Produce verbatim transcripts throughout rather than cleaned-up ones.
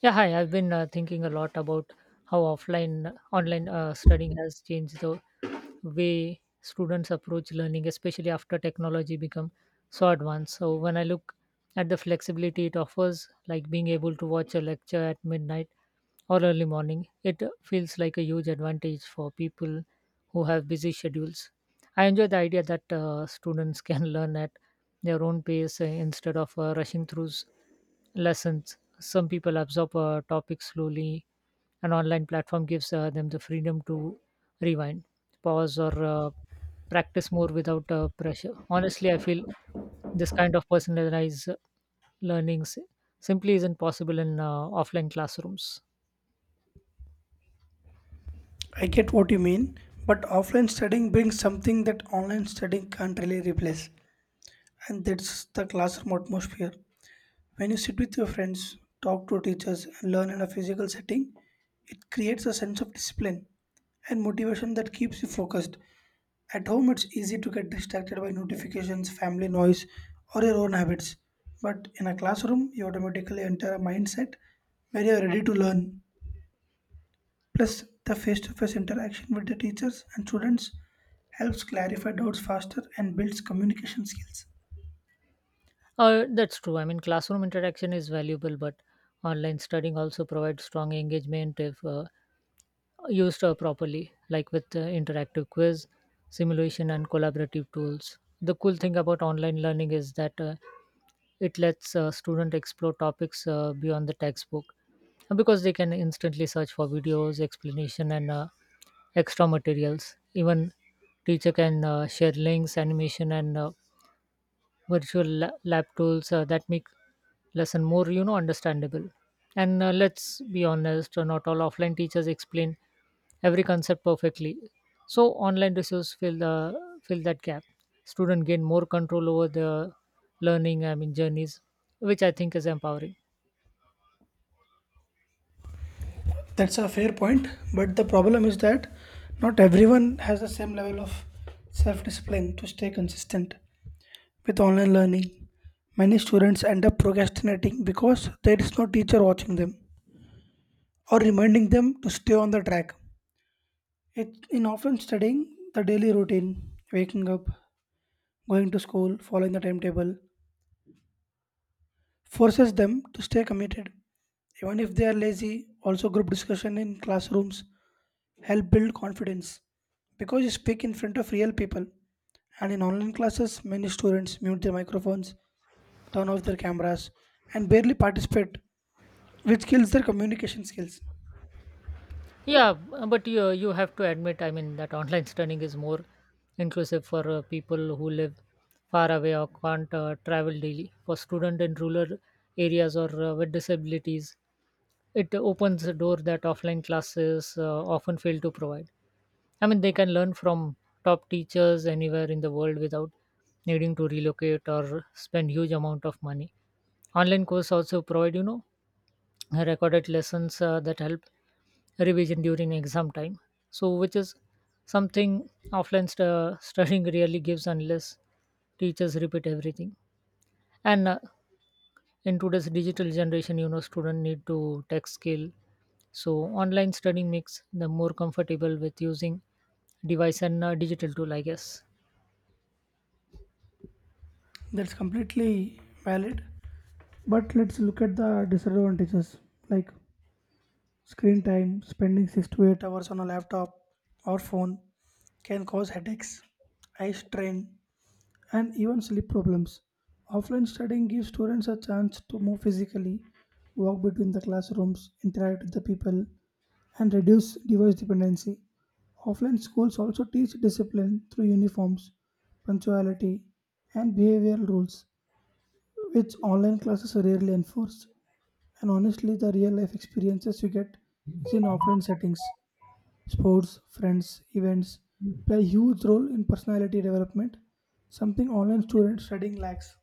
Yeah, hi. I've been uh, thinking a lot about how offline online uh, studying has changed the way students approach learning, especially after technology become so advanced. So when I look at the flexibility it offers, like being able to watch a lecture at midnight or early morning, it feels like a huge advantage for people who have busy schedules. I enjoy the idea that uh, students can learn at their own pace uh, instead of uh, rushing through s- lessons. Some people absorb uh, topics slowly. An online platform gives uh, them the freedom to rewind, pause, or uh, practice more without uh, pressure. Honestly, I feel this kind of personalized learning s- simply isn't possible in uh, offline classrooms. I get what you mean, but offline studying brings something that online studying can't really replace, and that's the classroom atmosphere. When you sit with your friends, talk to teachers, and learn in a physical setting, it creates a sense of discipline and motivation that keeps you focused. At home, it's easy to get distracted by notifications, family noise, or your own habits. But in a classroom, you automatically enter a mindset where you're ready to learn. Plus, the face to face interaction with the teachers and students helps clarify doubts faster and builds communication skills. Uh, that's true. I mean, classroom interaction is valuable, but online studying also provides strong engagement if uh, used uh, properly, like with uh, interactive quiz, simulation, and collaborative tools. The cool thing about online learning is that uh, it lets uh, student explore topics uh, beyond the textbook, and because they can instantly search for videos, explanation, and uh, extra materials. Even teacher can uh, share links, animation, and uh, virtual la- lab tools uh, that make lesson more you know understandable. And uh, let's be honest, uh, not all offline teachers explain every concept perfectly, so online resources fill the fill that gap. Students gain more control over their learning i mean journeys, which I think is empowering. That's a fair point, but the problem is that not everyone has the same level of self discipline to stay consistent with online learning. Many students end up procrastinating because there is no teacher watching them or reminding them to stay on the track. It, in often studying the daily routine, waking up, going to school, following the timetable, forces them to stay committed. Even if they are lazy, also group discussion in classrooms help build confidence because you speak in front of real people. And in online classes, many students mute their microphones, turn off their cameras, and barely participate, which kills their communication skills. Yeah, b- but you, you have to admit, I mean, that online studying is more inclusive for uh, people who live far away or can't uh, travel daily. For students in rural areas or uh, with disabilities, it opens a door that offline classes uh, often fail to provide. I mean, they can learn from top teachers anywhere in the world without needing to relocate or spend huge amount of money. Online course also provide, you know, recorded lessons uh, that help revision during exam time, so which is something offline stu- studying really gives unless teachers repeat everything. And uh, in today's digital generation, you know students need to tech skill, so online studying makes them more comfortable with using device and uh, digital tool, I guess. That's completely valid. But let's look at the disadvantages like screen time, spending six to eight hours on a laptop or phone can cause headaches, eye strain, and even sleep problems. Offline studying gives students a chance to move physically, walk between the classrooms, interact with the people, and reduce device dependency. Offline schools also teach discipline through uniforms, punctuality, and behavioral rules, which online classes rarely enforce. And honestly, the real life experiences you get is in offline settings. Sports, friends, events play a huge role in personality development, something online students studying lacks.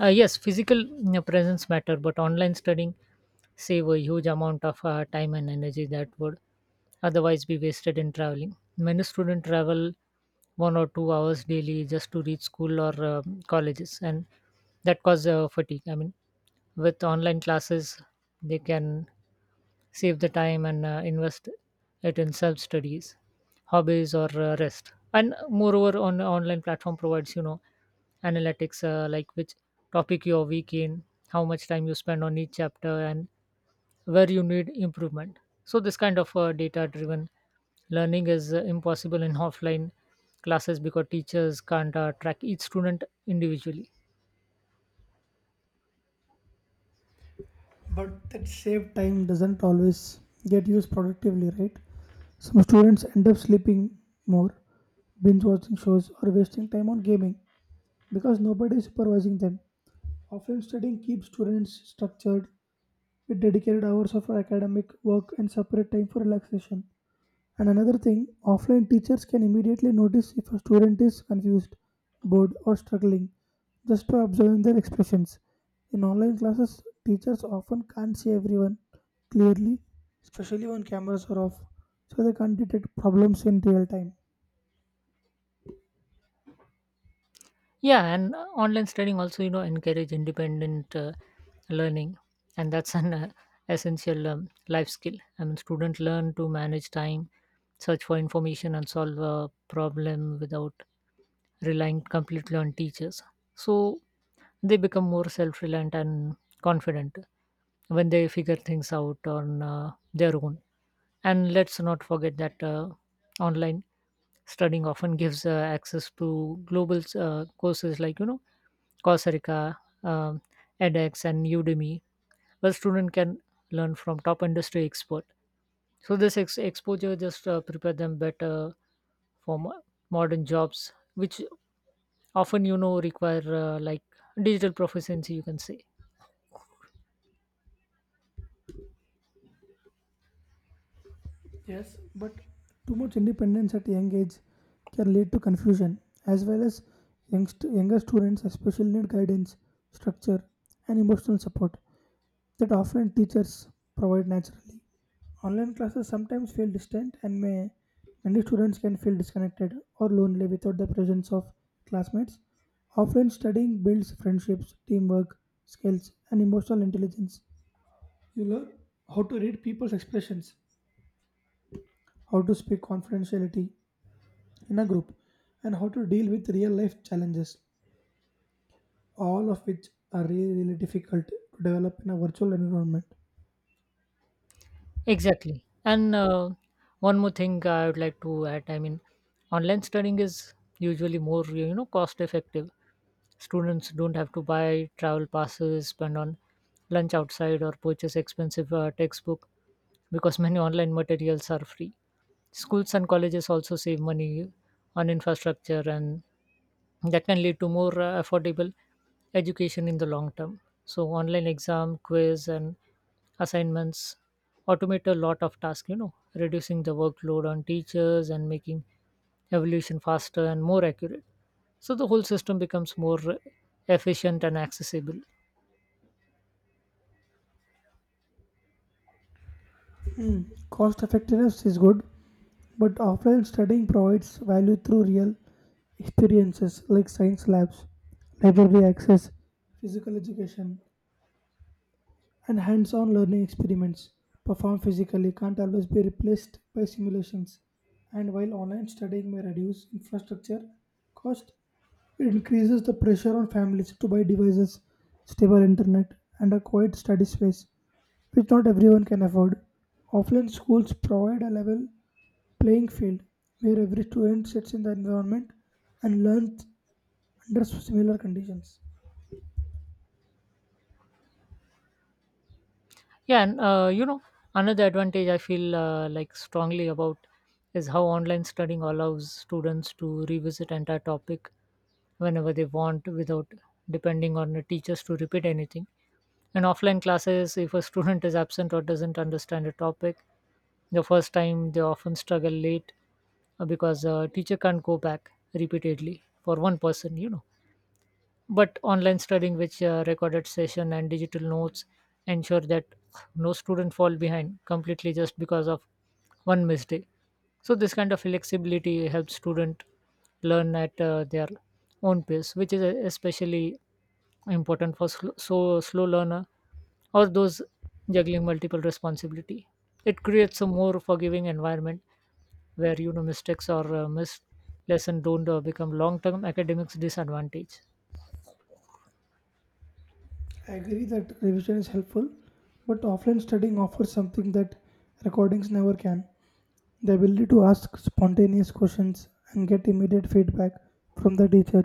Uh, yes, physical, you know, presence matter, but online studying save a huge amount of uh, time and energy that would otherwise be wasted in traveling. Many students travel one or two hours daily just to reach school or um colleges, and that causes uh, fatigue. I mean, with online classes, they can save the time and uh, invest it in self studies, hobbies, or uh, rest. And moreover, on online platform provides, you know, analytics uh, like which topic you are weak in, how much time you spend on each chapter, and where you need improvement. So this kind of uh, data driven learning is uh, impossible in offline classes because teachers can't uh, track each student individually. But that saved time doesn't always get used productively, right? Some students end up sleeping more, binge watching shows, or wasting time on gaming because nobody is supervising them. Offline studying keeps students structured with dedicated hours of academic work and separate time for relaxation. And another thing, offline teachers can immediately notice if a student is confused, bored, or struggling just by observing their expressions. In online classes, teachers often can't see everyone clearly, especially when cameras are off, so they can't detect problems in real time. Yeah, and uh, online studying also, you know, encourage independent uh, learning, and that's an uh, essential um, life skill. I mean, students learn to manage time, search for information, and solve a problem without relying completely on teachers. So they become more self-reliant and confident when they figure things out on uh, their own. And let's not forget that uh, online studying often gives uh, access to global uh, courses, like, you know, Coursera, um, edX, and Udemy, where students can learn from top industry expert. So this ex- exposure just uh, prepare them better for mo- modern jobs, which often, you know, require, uh, like, digital proficiency, you can say. Yes, but too much independence at a young age can lead to confusion, as well as youngst- younger students especially need guidance, structure, and emotional support that offline teachers provide naturally. Online classes sometimes feel distant and may Many students can feel disconnected or lonely without the presence of classmates. Offline studying builds friendships, teamwork, skills, and emotional intelligence. You learn how to read people's expressions, how to speak confidentiality in a group, and how to deal with real life challenges, all of which are really, really difficult to develop in a virtual environment. Exactly. And uh, one more thing I would like to add, I mean, online studying is usually more, you know, cost effective. Students don't have to buy travel passes, spend on lunch outside, or purchase expensive uh, textbook because many online materials are free. Schools and colleges also save money on infrastructure, and that can lead to more uh, affordable education in the long term. So online exam, quiz, and assignments automate a lot of tasks, you know, reducing the workload on teachers and making evolution faster and more accurate, so the whole system becomes more efficient and accessible. Cost effectiveness is good. But offline studying provides value through real experiences like science labs, library access, physical education, and hands on learning experiments performed physically can't always be replaced by simulations. And while online studying may reduce infrastructure cost, it increases the pressure on families to buy devices, stable internet, and a quiet study space, which not everyone can afford. Offline schools provide a level playing field where every student sits in the environment and learns under similar conditions. Yeah, and uh, you know, another advantage I feel uh, like strongly about is how online studying allows students to revisit entire topic whenever they want without depending on the teachers to repeat anything. In offline classes, if a student is absent or doesn't understand a topic the first time, they often struggle late uh, because uh, teacher can't go back repeatedly for one person, you know. But online studying, which uh, recorded session and digital notes, ensure that no student fall behind completely just because of one missed day. So this kind of flexibility helps student learn at uh, their own pace, which is uh, especially important for sl- so slow learner or those juggling multiple responsibility. It creates a more forgiving environment where, you know, mistakes or uh, missed lesson don't uh, become long-term academics disadvantage. I agree that revision is helpful, but offline studying offers something that recordings never can, the ability to ask spontaneous questions and get immediate feedback from the teacher.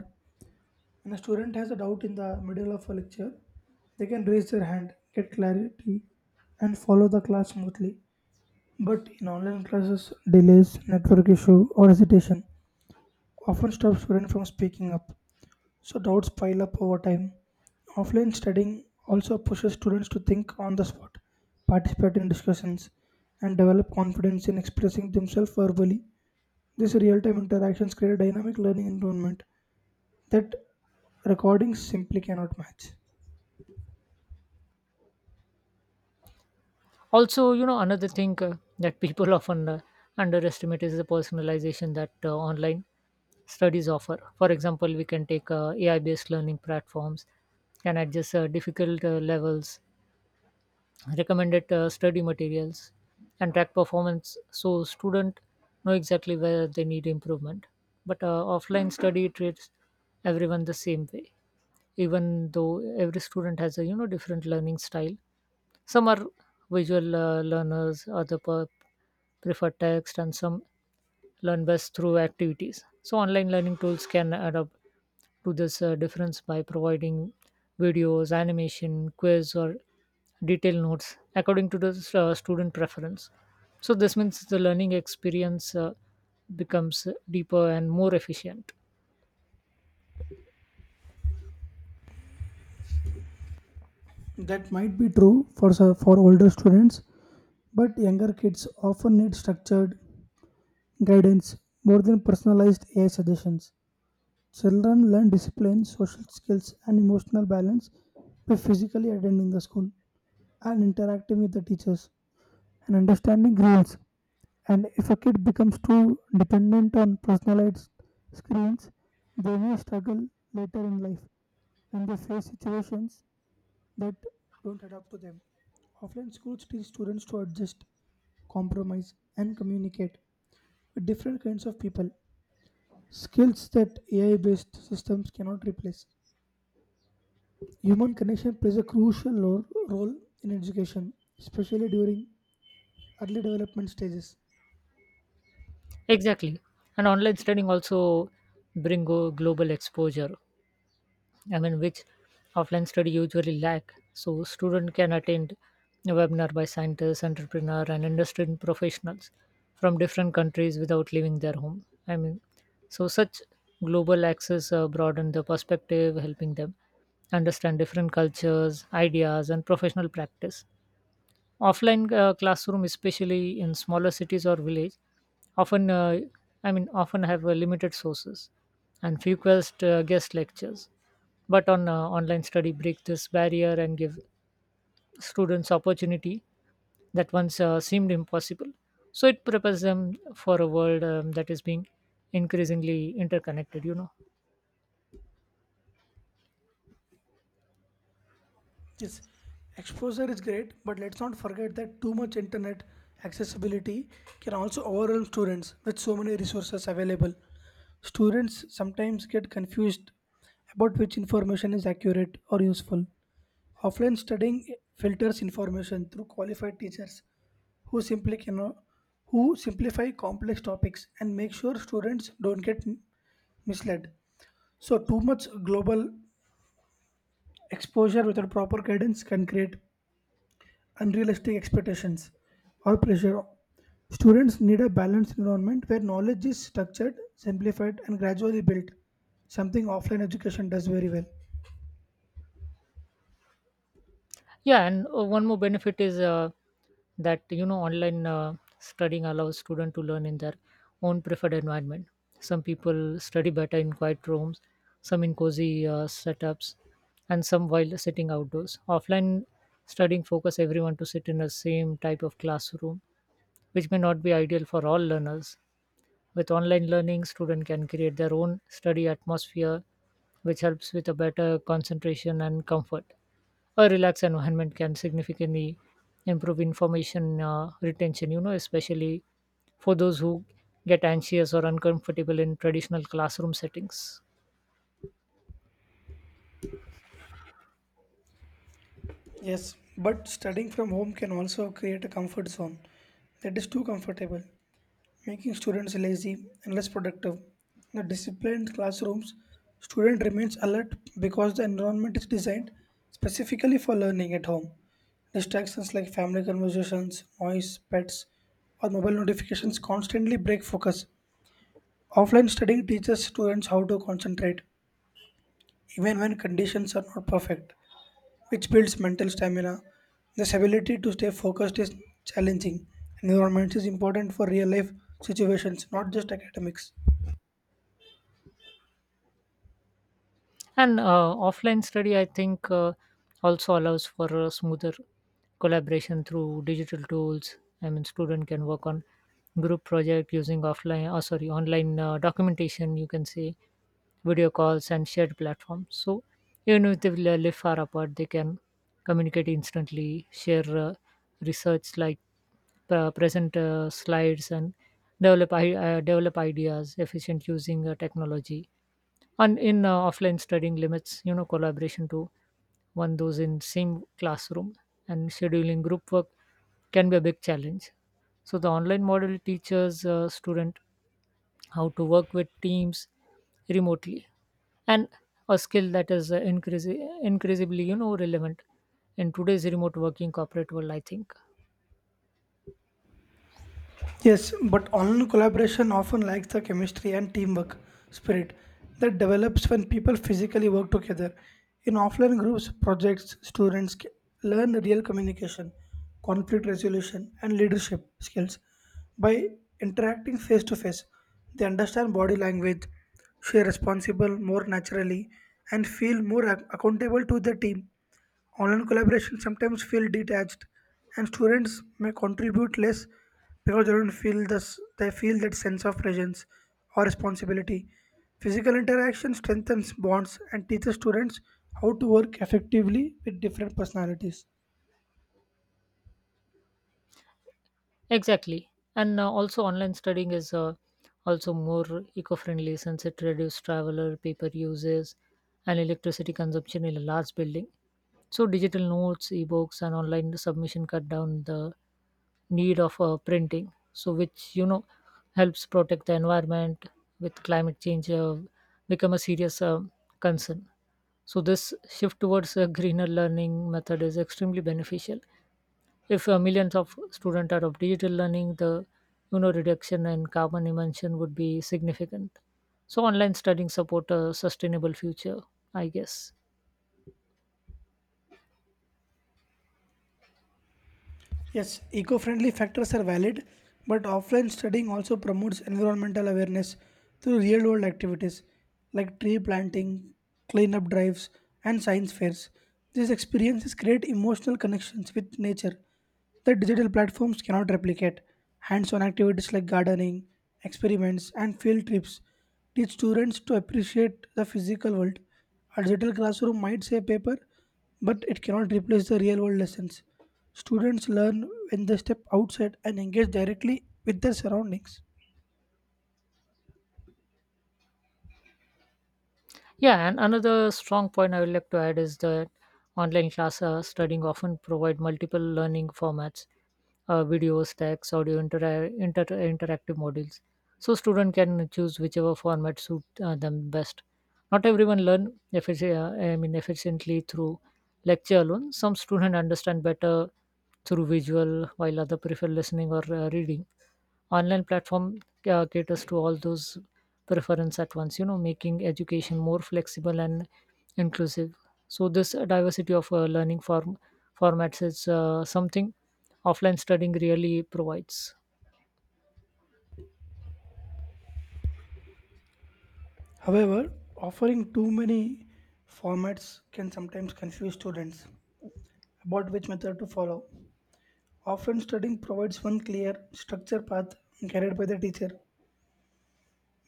When a student has a doubt in the middle of a lecture, they can raise their hand, get clarity, and follow the class smoothly. But in online classes, delays, network issue, or hesitation often stop students from speaking up, so doubts pile up over time. Offline studying also pushes students to think on the spot, participate in discussions, and develop confidence in expressing themselves verbally. These real time interactions create a dynamic learning environment that recordings simply cannot match. Also, you know, another thing uh, that people often uh, underestimate is the personalization that uh, online studies offer. For example, we can take uh, A I based learning platforms, can adjust uh, difficult uh, levels, recommended uh, study materials, and track performance so student know exactly where they need improvement. But uh, offline study treats everyone the same way, even though every student has a, you know, different learning style. Some are visual uh, learners, other per- prefer text, and some learn best through activities. So online learning tools can adapt to this uh, difference by providing videos, animation, quiz, or detailed notes according to the uh, student preference. So this means the learning experience uh, becomes deeper and more efficient. That might be true for, s- for older students, but younger kids often need structured guidance more than personalized A I suggestions. Children learn discipline, social skills, and emotional balance by physically attending the school and interacting with the teachers and understanding rules. And if a kid becomes too dependent on personalized screens, they may struggle later in life when they face situations that don't adapt to them. Offline schools teach students to adjust, compromise, and communicate with different kinds of people, skills that A I based systems cannot replace. Human connection plays a crucial lo- role in education, especially during early development stages. Exactly. And online studying also bring go- global exposure, I mean, which offline study usually lack. So student can attend a webinar by scientists, entrepreneur, and industry professionals from different countries without leaving their home. I mean, so such global access uh, broaden the perspective, helping them understand different cultures, ideas, and professional practice. Offline uh, classroom, especially in smaller cities or village, often, uh, I mean, often have uh, limited sources and few quest uh, guest lectures, but on uh, online study break this barrier and give students opportunity that once uh, seemed impossible. So it prepares them for a world um, that is being increasingly interconnected, you know. Yes, exposure is great, but let's not forget that too much internet accessibility can also overwhelm students with so many resources available. Students sometimes get confused about which information is accurate or useful. Offline studying filters information through qualified teachers who simply cannot who simplify complex topics and make sure students don't get misled. So, too much global exposure without proper guidance can create unrealistic expectations or pressure. Students need a balanced environment where knowledge is structured, simplified, and gradually built, something offline education does very well. Yeah, and uh, one more benefit is uh, that, you know, online uh, studying allows students to learn in their own preferred environment. Some people study better in quiet rooms, some in cozy uh, setups, and some while sitting outdoors. Offline studying focus everyone to sit in the same type of classroom, which may not be ideal for all learners. With online learning, students can create their own study atmosphere, which helps with a better concentration and comfort. A relaxed environment can significantly improve information uh, retention, you know, especially for those who get anxious or uncomfortable in traditional classroom settings. Yes, but studying from home can also create a comfort zone that is too comfortable, making students lazy and less productive. In the disciplined classrooms, student remains alert because the environment is designed specifically for learning at home. Distractions like family conversations, noise, pets, or mobile notifications constantly break focus. Offline studying teaches students how to concentrate even when conditions are not perfect, which builds mental stamina. This ability to stay focused is challenging. Environment is important for real life situations, not just academics. And uh, offline study, I think, uh, also allows for a smoother collaboration through digital tools. I mean, student can work on group project using offline, oh, sorry, online uh, documentation, you can say, video calls and shared platforms. So even if they will, uh, live far apart, they can communicate instantly, share uh, research, like uh, present uh, slides, and develop i- uh, develop ideas efficient using uh, technology. And in uh, offline studying limits, you know, collaboration to one those in same classroom, and scheduling group work can be a big challenge. So the online model teaches uh, student how to work with teams remotely, and a skill that is uh, increasing increasingly, you know, relevant in today's remote working corporate world, I think. Yes, but online collaboration often lacks the chemistry and teamwork spirit that develops when people physically work together. In offline groups, projects, students ca- learn real communication, conflict resolution, and leadership skills. By interacting face to face, they understand body language, share responsible more naturally, and feel more ac- accountable to the team. Online collaboration sometimes feel detached, and students may contribute less because they don't feel this. They feel that sense of presence or responsibility. Physical interaction strengthens bonds and teaches students how to work effectively with different personalities. Exactly. And uh, also, online studying is uh, also more eco friendly since it reduces traveler, paper uses, and electricity consumption in a large building. So digital notes, ebooks, and online submission cut down the need of uh, printing. So, which, you know, helps protect the environment with climate change uh, become a serious uh, concern. So this shift towards a greener learning method is extremely beneficial. If uh, millions of students adopt digital learning, the, you know, reduction in carbon emission would be significant. So online studying support a sustainable future, I guess. Yes, eco friendly factors are valid, but offline studying also promotes environmental awareness through real world activities like tree planting, cleanup drives, and science fairs. These experiences create emotional connections with nature that digital platforms cannot replicate. Hands on activities like gardening, experiments, and field trips teach students to appreciate the physical world. A digital classroom might say paper, but it cannot replace the real world lessons. Students learn when they step outside and engage directly with their surroundings. Yeah, and another strong point I would like to add is that online class uh, studying often provide multiple learning formats, uh, videos, text, audio, inter- inter- interactive modules. So student can choose whichever format suit uh, them best. Not everyone learn effici- uh, I mean efficiently through lecture alone. Some students understand better through visual, while other prefer listening or uh, reading. Online platform uh, caters to all those preference at once, you know, making education more flexible and inclusive. So this uh, diversity of uh, learning form formats is uh, something offline studying really provides. However, offering too many formats can sometimes confuse students about which method to follow. Often, studying provides one clear, structured path guided by the teacher,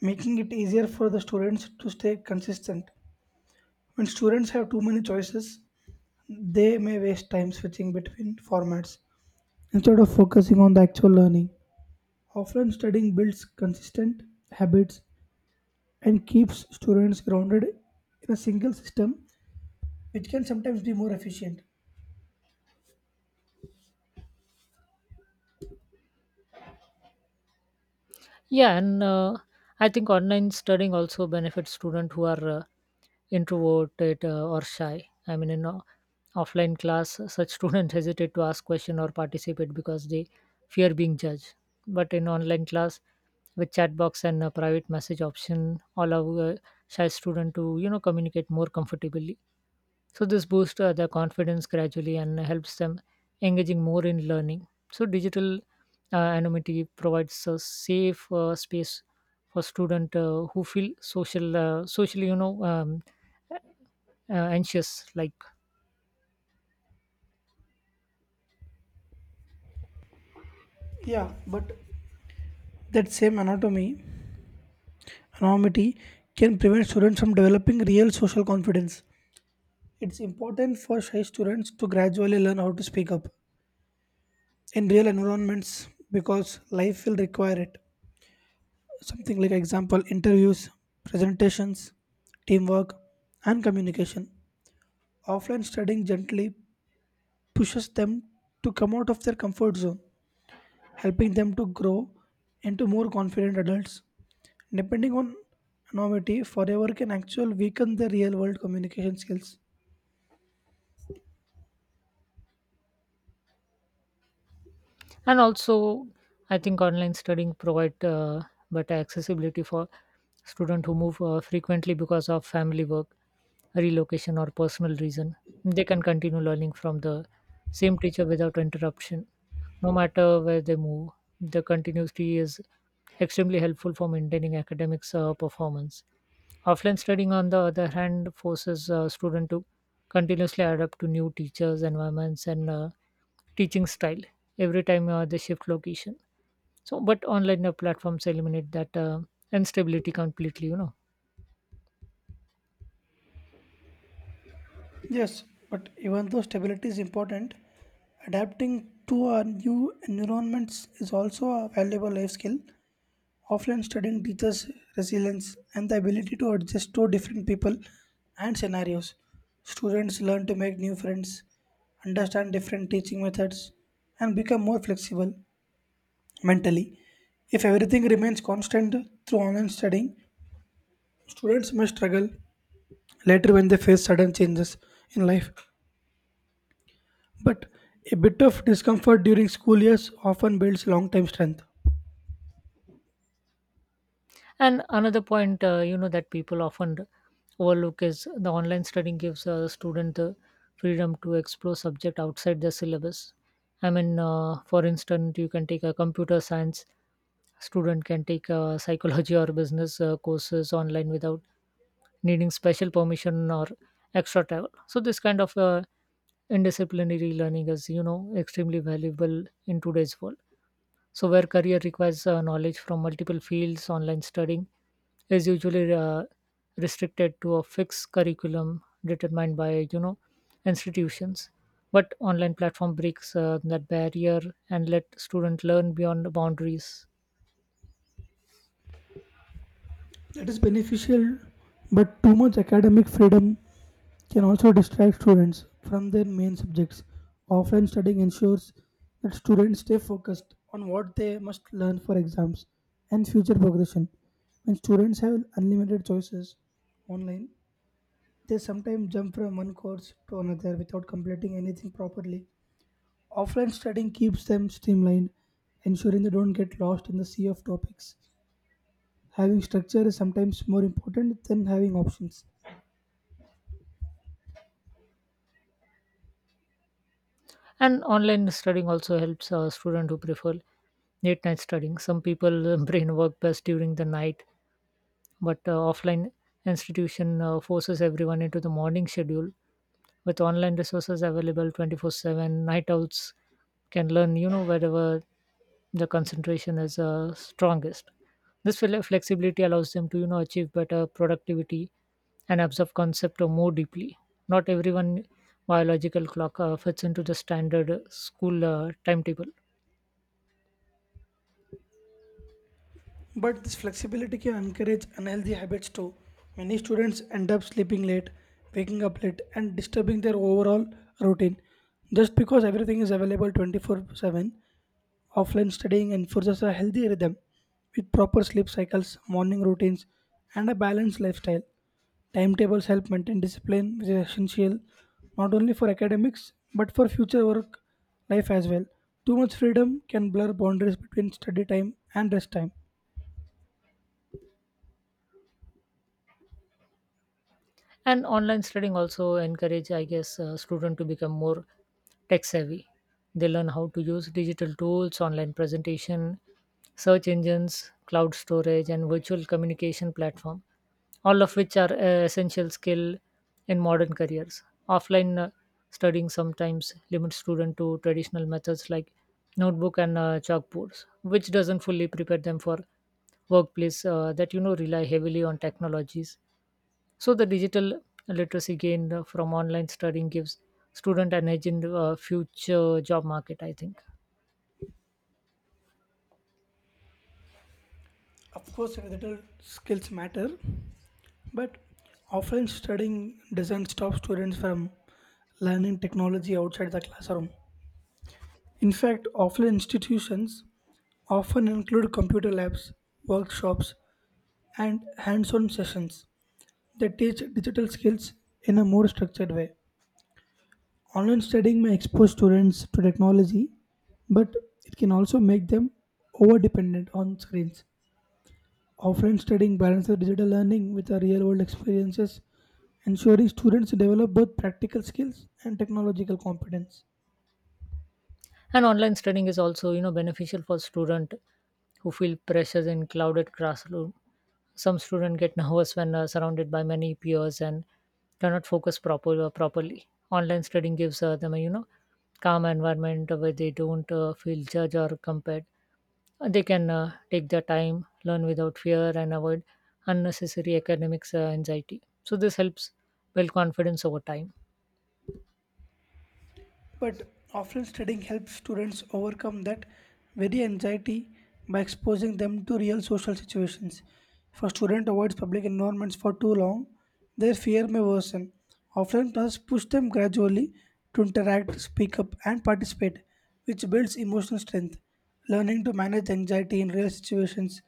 making it easier for the students to stay consistent. When students have too many choices, they may waste time switching between formats instead of focusing on the actual learning. Offline studying builds consistent habits and keeps students grounded in a single system, which can sometimes be more efficient. Yeah, and uh, I think online studying also benefits students who are uh, introverted uh, or shy. I mean, in uh, offline class such students hesitate to ask question or participate because they fear being judged, but in online class with chat box and a private message option allow a shy student to you know communicate more comfortably. So this boosts uh, their confidence gradually and helps them engaging more in learning. So digital uh, anonymity provides a safe uh, space for student uh, who feel social, uh, socially, you know, um, uh, anxious, like. Yeah, but that same anatomy, anonymity can prevent students from developing real social confidence. It's important for shy students to gradually learn how to speak up in real environments because life will require it. Something like example interviews, presentations, teamwork, and communication. Offline studying gently pushes them to come out of their comfort zone, helping them to grow into more confident adults. Depending on anonymity, forever can actually weaken their real world communication skills. And also I think online studying provide uh, better accessibility for students who move uh, frequently because of family work relocation or personal reason. They can continue learning from the same teacher without interruption no matter where they move. The continuity is extremely helpful for maintaining academics uh, performance. Offline studying, on the other hand, forces a student to continuously adapt to new teachers, environments, and uh, teaching style every time uh, they shift location. So, but online uh, platforms eliminate that uh, instability completely, you know. Yes, but even though stability is important, adapting to our new environments is also a valuable life skill offline studying teaches resilience and the ability to adjust to different people and scenarios. Students learn to make new friends, understand different teaching methods, and become more flexible mentally. If everything remains constant through online studying, students may struggle later when they face sudden changes in life. But a bit of discomfort during school years often builds long term strength. And another point, uh, you know, that people often overlook is the online studying gives a student the freedom to explore subject outside their syllabus. I mean, uh, for instance, you can take a computer science student can take uh, psychology or business uh, courses online without needing special permission or extra travel. So this kind of uh, indisciplinary learning is, you know, extremely valuable in today's world. So, where career requires uh, knowledge from multiple fields, online studying is usually uh, restricted to a fixed curriculum determined by you know institutions. But online platform breaks uh, that barrier and let students learn beyond boundaries. That is beneficial, but too much academic freedom can also distract students from their main subjects. Offline studying ensures that students stay focused on what they must learn for exams and future progression. When students have unlimited choices online, they sometimes jump from one course to another without completing anything properly. Offline studying keeps them streamlined, ensuring they don't get lost in the sea of topics. Having structure is sometimes more important than having options. And online studying also helps uh, students who prefer late night studying. Some people uh, brain work best during the night, but uh, offline institution uh, forces everyone into the morning schedule. With online resources available twenty-four seven, night owls can learn you know wherever the concentration is uh, strongest. This fle- flexibility allows them to you know achieve better productivity and absorb concept or more deeply. Not everyone biological clock uh, fits into the standard uh, school uh, timetable. But this flexibility can encourage unhealthy habits too. Many students end up sleeping late, waking up late, and disturbing their overall routine just because everything is available twenty four seven. Offline studying enforces a healthy rhythm with proper sleep cycles, morning routines, and a balanced lifestyle. Timetables help maintain discipline, which is essential not only for academics but for future work life as well. Too much freedom can blur boundaries between study time and rest time. And online studying also encourage, I guess, uh, student to become more tech savvy. They learn how to use digital tools, online presentation, search engines, cloud storage, and virtual communication platform, all of which are uh, essential skill in modern careers. Offline uh, studying sometimes limits student to traditional methods like notebook and uh, chalkboards, which doesn't fully prepare them for workplace uh, that you know rely heavily on technologies. So the digital literacy gained uh, from online studying gives student an edge in the uh, future job market, I think. Of course, digital skills matter, but offline studying doesn't stop students from learning technology outside the classroom. In fact, offline institutions often include computer labs, workshops, and hands on sessions that teach digital skills in a more structured way. Online studying may expose students to technology, but it can also make them over dependent on screens. Offline studying balances digital learning with the real world experiences, ensuring students develop both practical skills and technological competence. And online studying is also you know beneficial for student who feel pressures in crowded classroom. Some students get nervous when uh, surrounded by many peers and cannot focus proper, uh, properly. Online studying gives uh, them a you know calm environment where they don't uh, feel judged or compared. Uh, they can uh, take their time, learn without fear, and avoid unnecessary academics uh, anxiety. So this helps build confidence over time. But offline studying helps students overcome that very anxiety by exposing them to real social situations. If a student avoids public environments for too long, their fear may worsen. Offline classes push them gradually to interact, speak up, and participate, which builds emotional strength. Learning to manage anxiety in real situations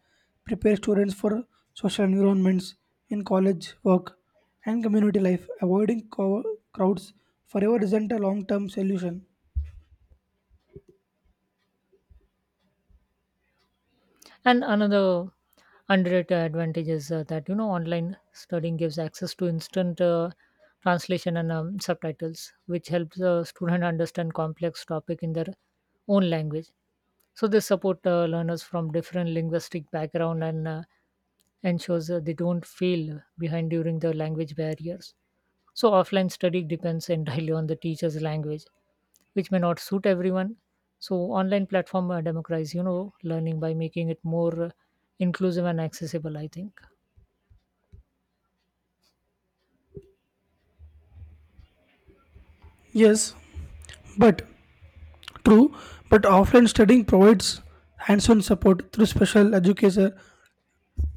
prepare students for social environments in college, work, and community life. Avoiding co- crowds forever isn't a long term solution. And another underrated advantage is uh, that you know online studying gives access to instant uh, translation and um, subtitles, which helps a student understand complex topic in their own language. So they support uh, learners from different linguistic background and uh, ensures uh, they don't feel behind during the language barriers. So offline study depends entirely on the teacher's language, which may not suit everyone. So online platform uh, democratize you know learning by making it more uh, inclusive and accessible, I think. Yes, but true, but offline studying provides hands on support through special educator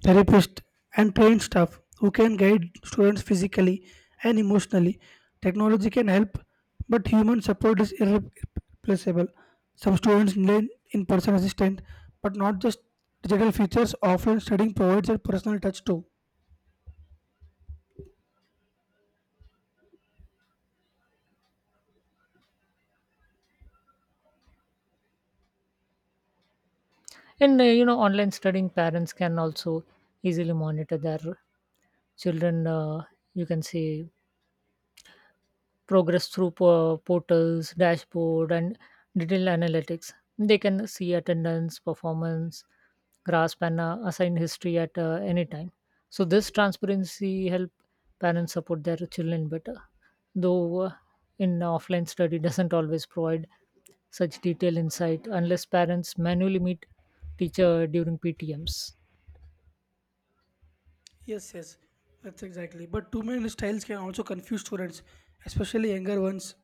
therapists, and trained staff who can guide students physically and emotionally. Technology can help, but human support is irreplaceable. Some students need in person assistance, but not just digital features. Offline studying provides a personal touch too. And uh, you know online studying parents can also easily monitor their children. Uh, you can say progress through po- portals, dashboard, and detailed analytics. They can see attendance, performance, grasp, and uh, assign history at uh, any time. So this transparency help parents support their children better, though uh, in offline study doesn't always provide such detailed insight unless parents manually meet teacher during P T Ms. Yes, yes, that's exactly. But too many styles can also confuse students, especially younger ones.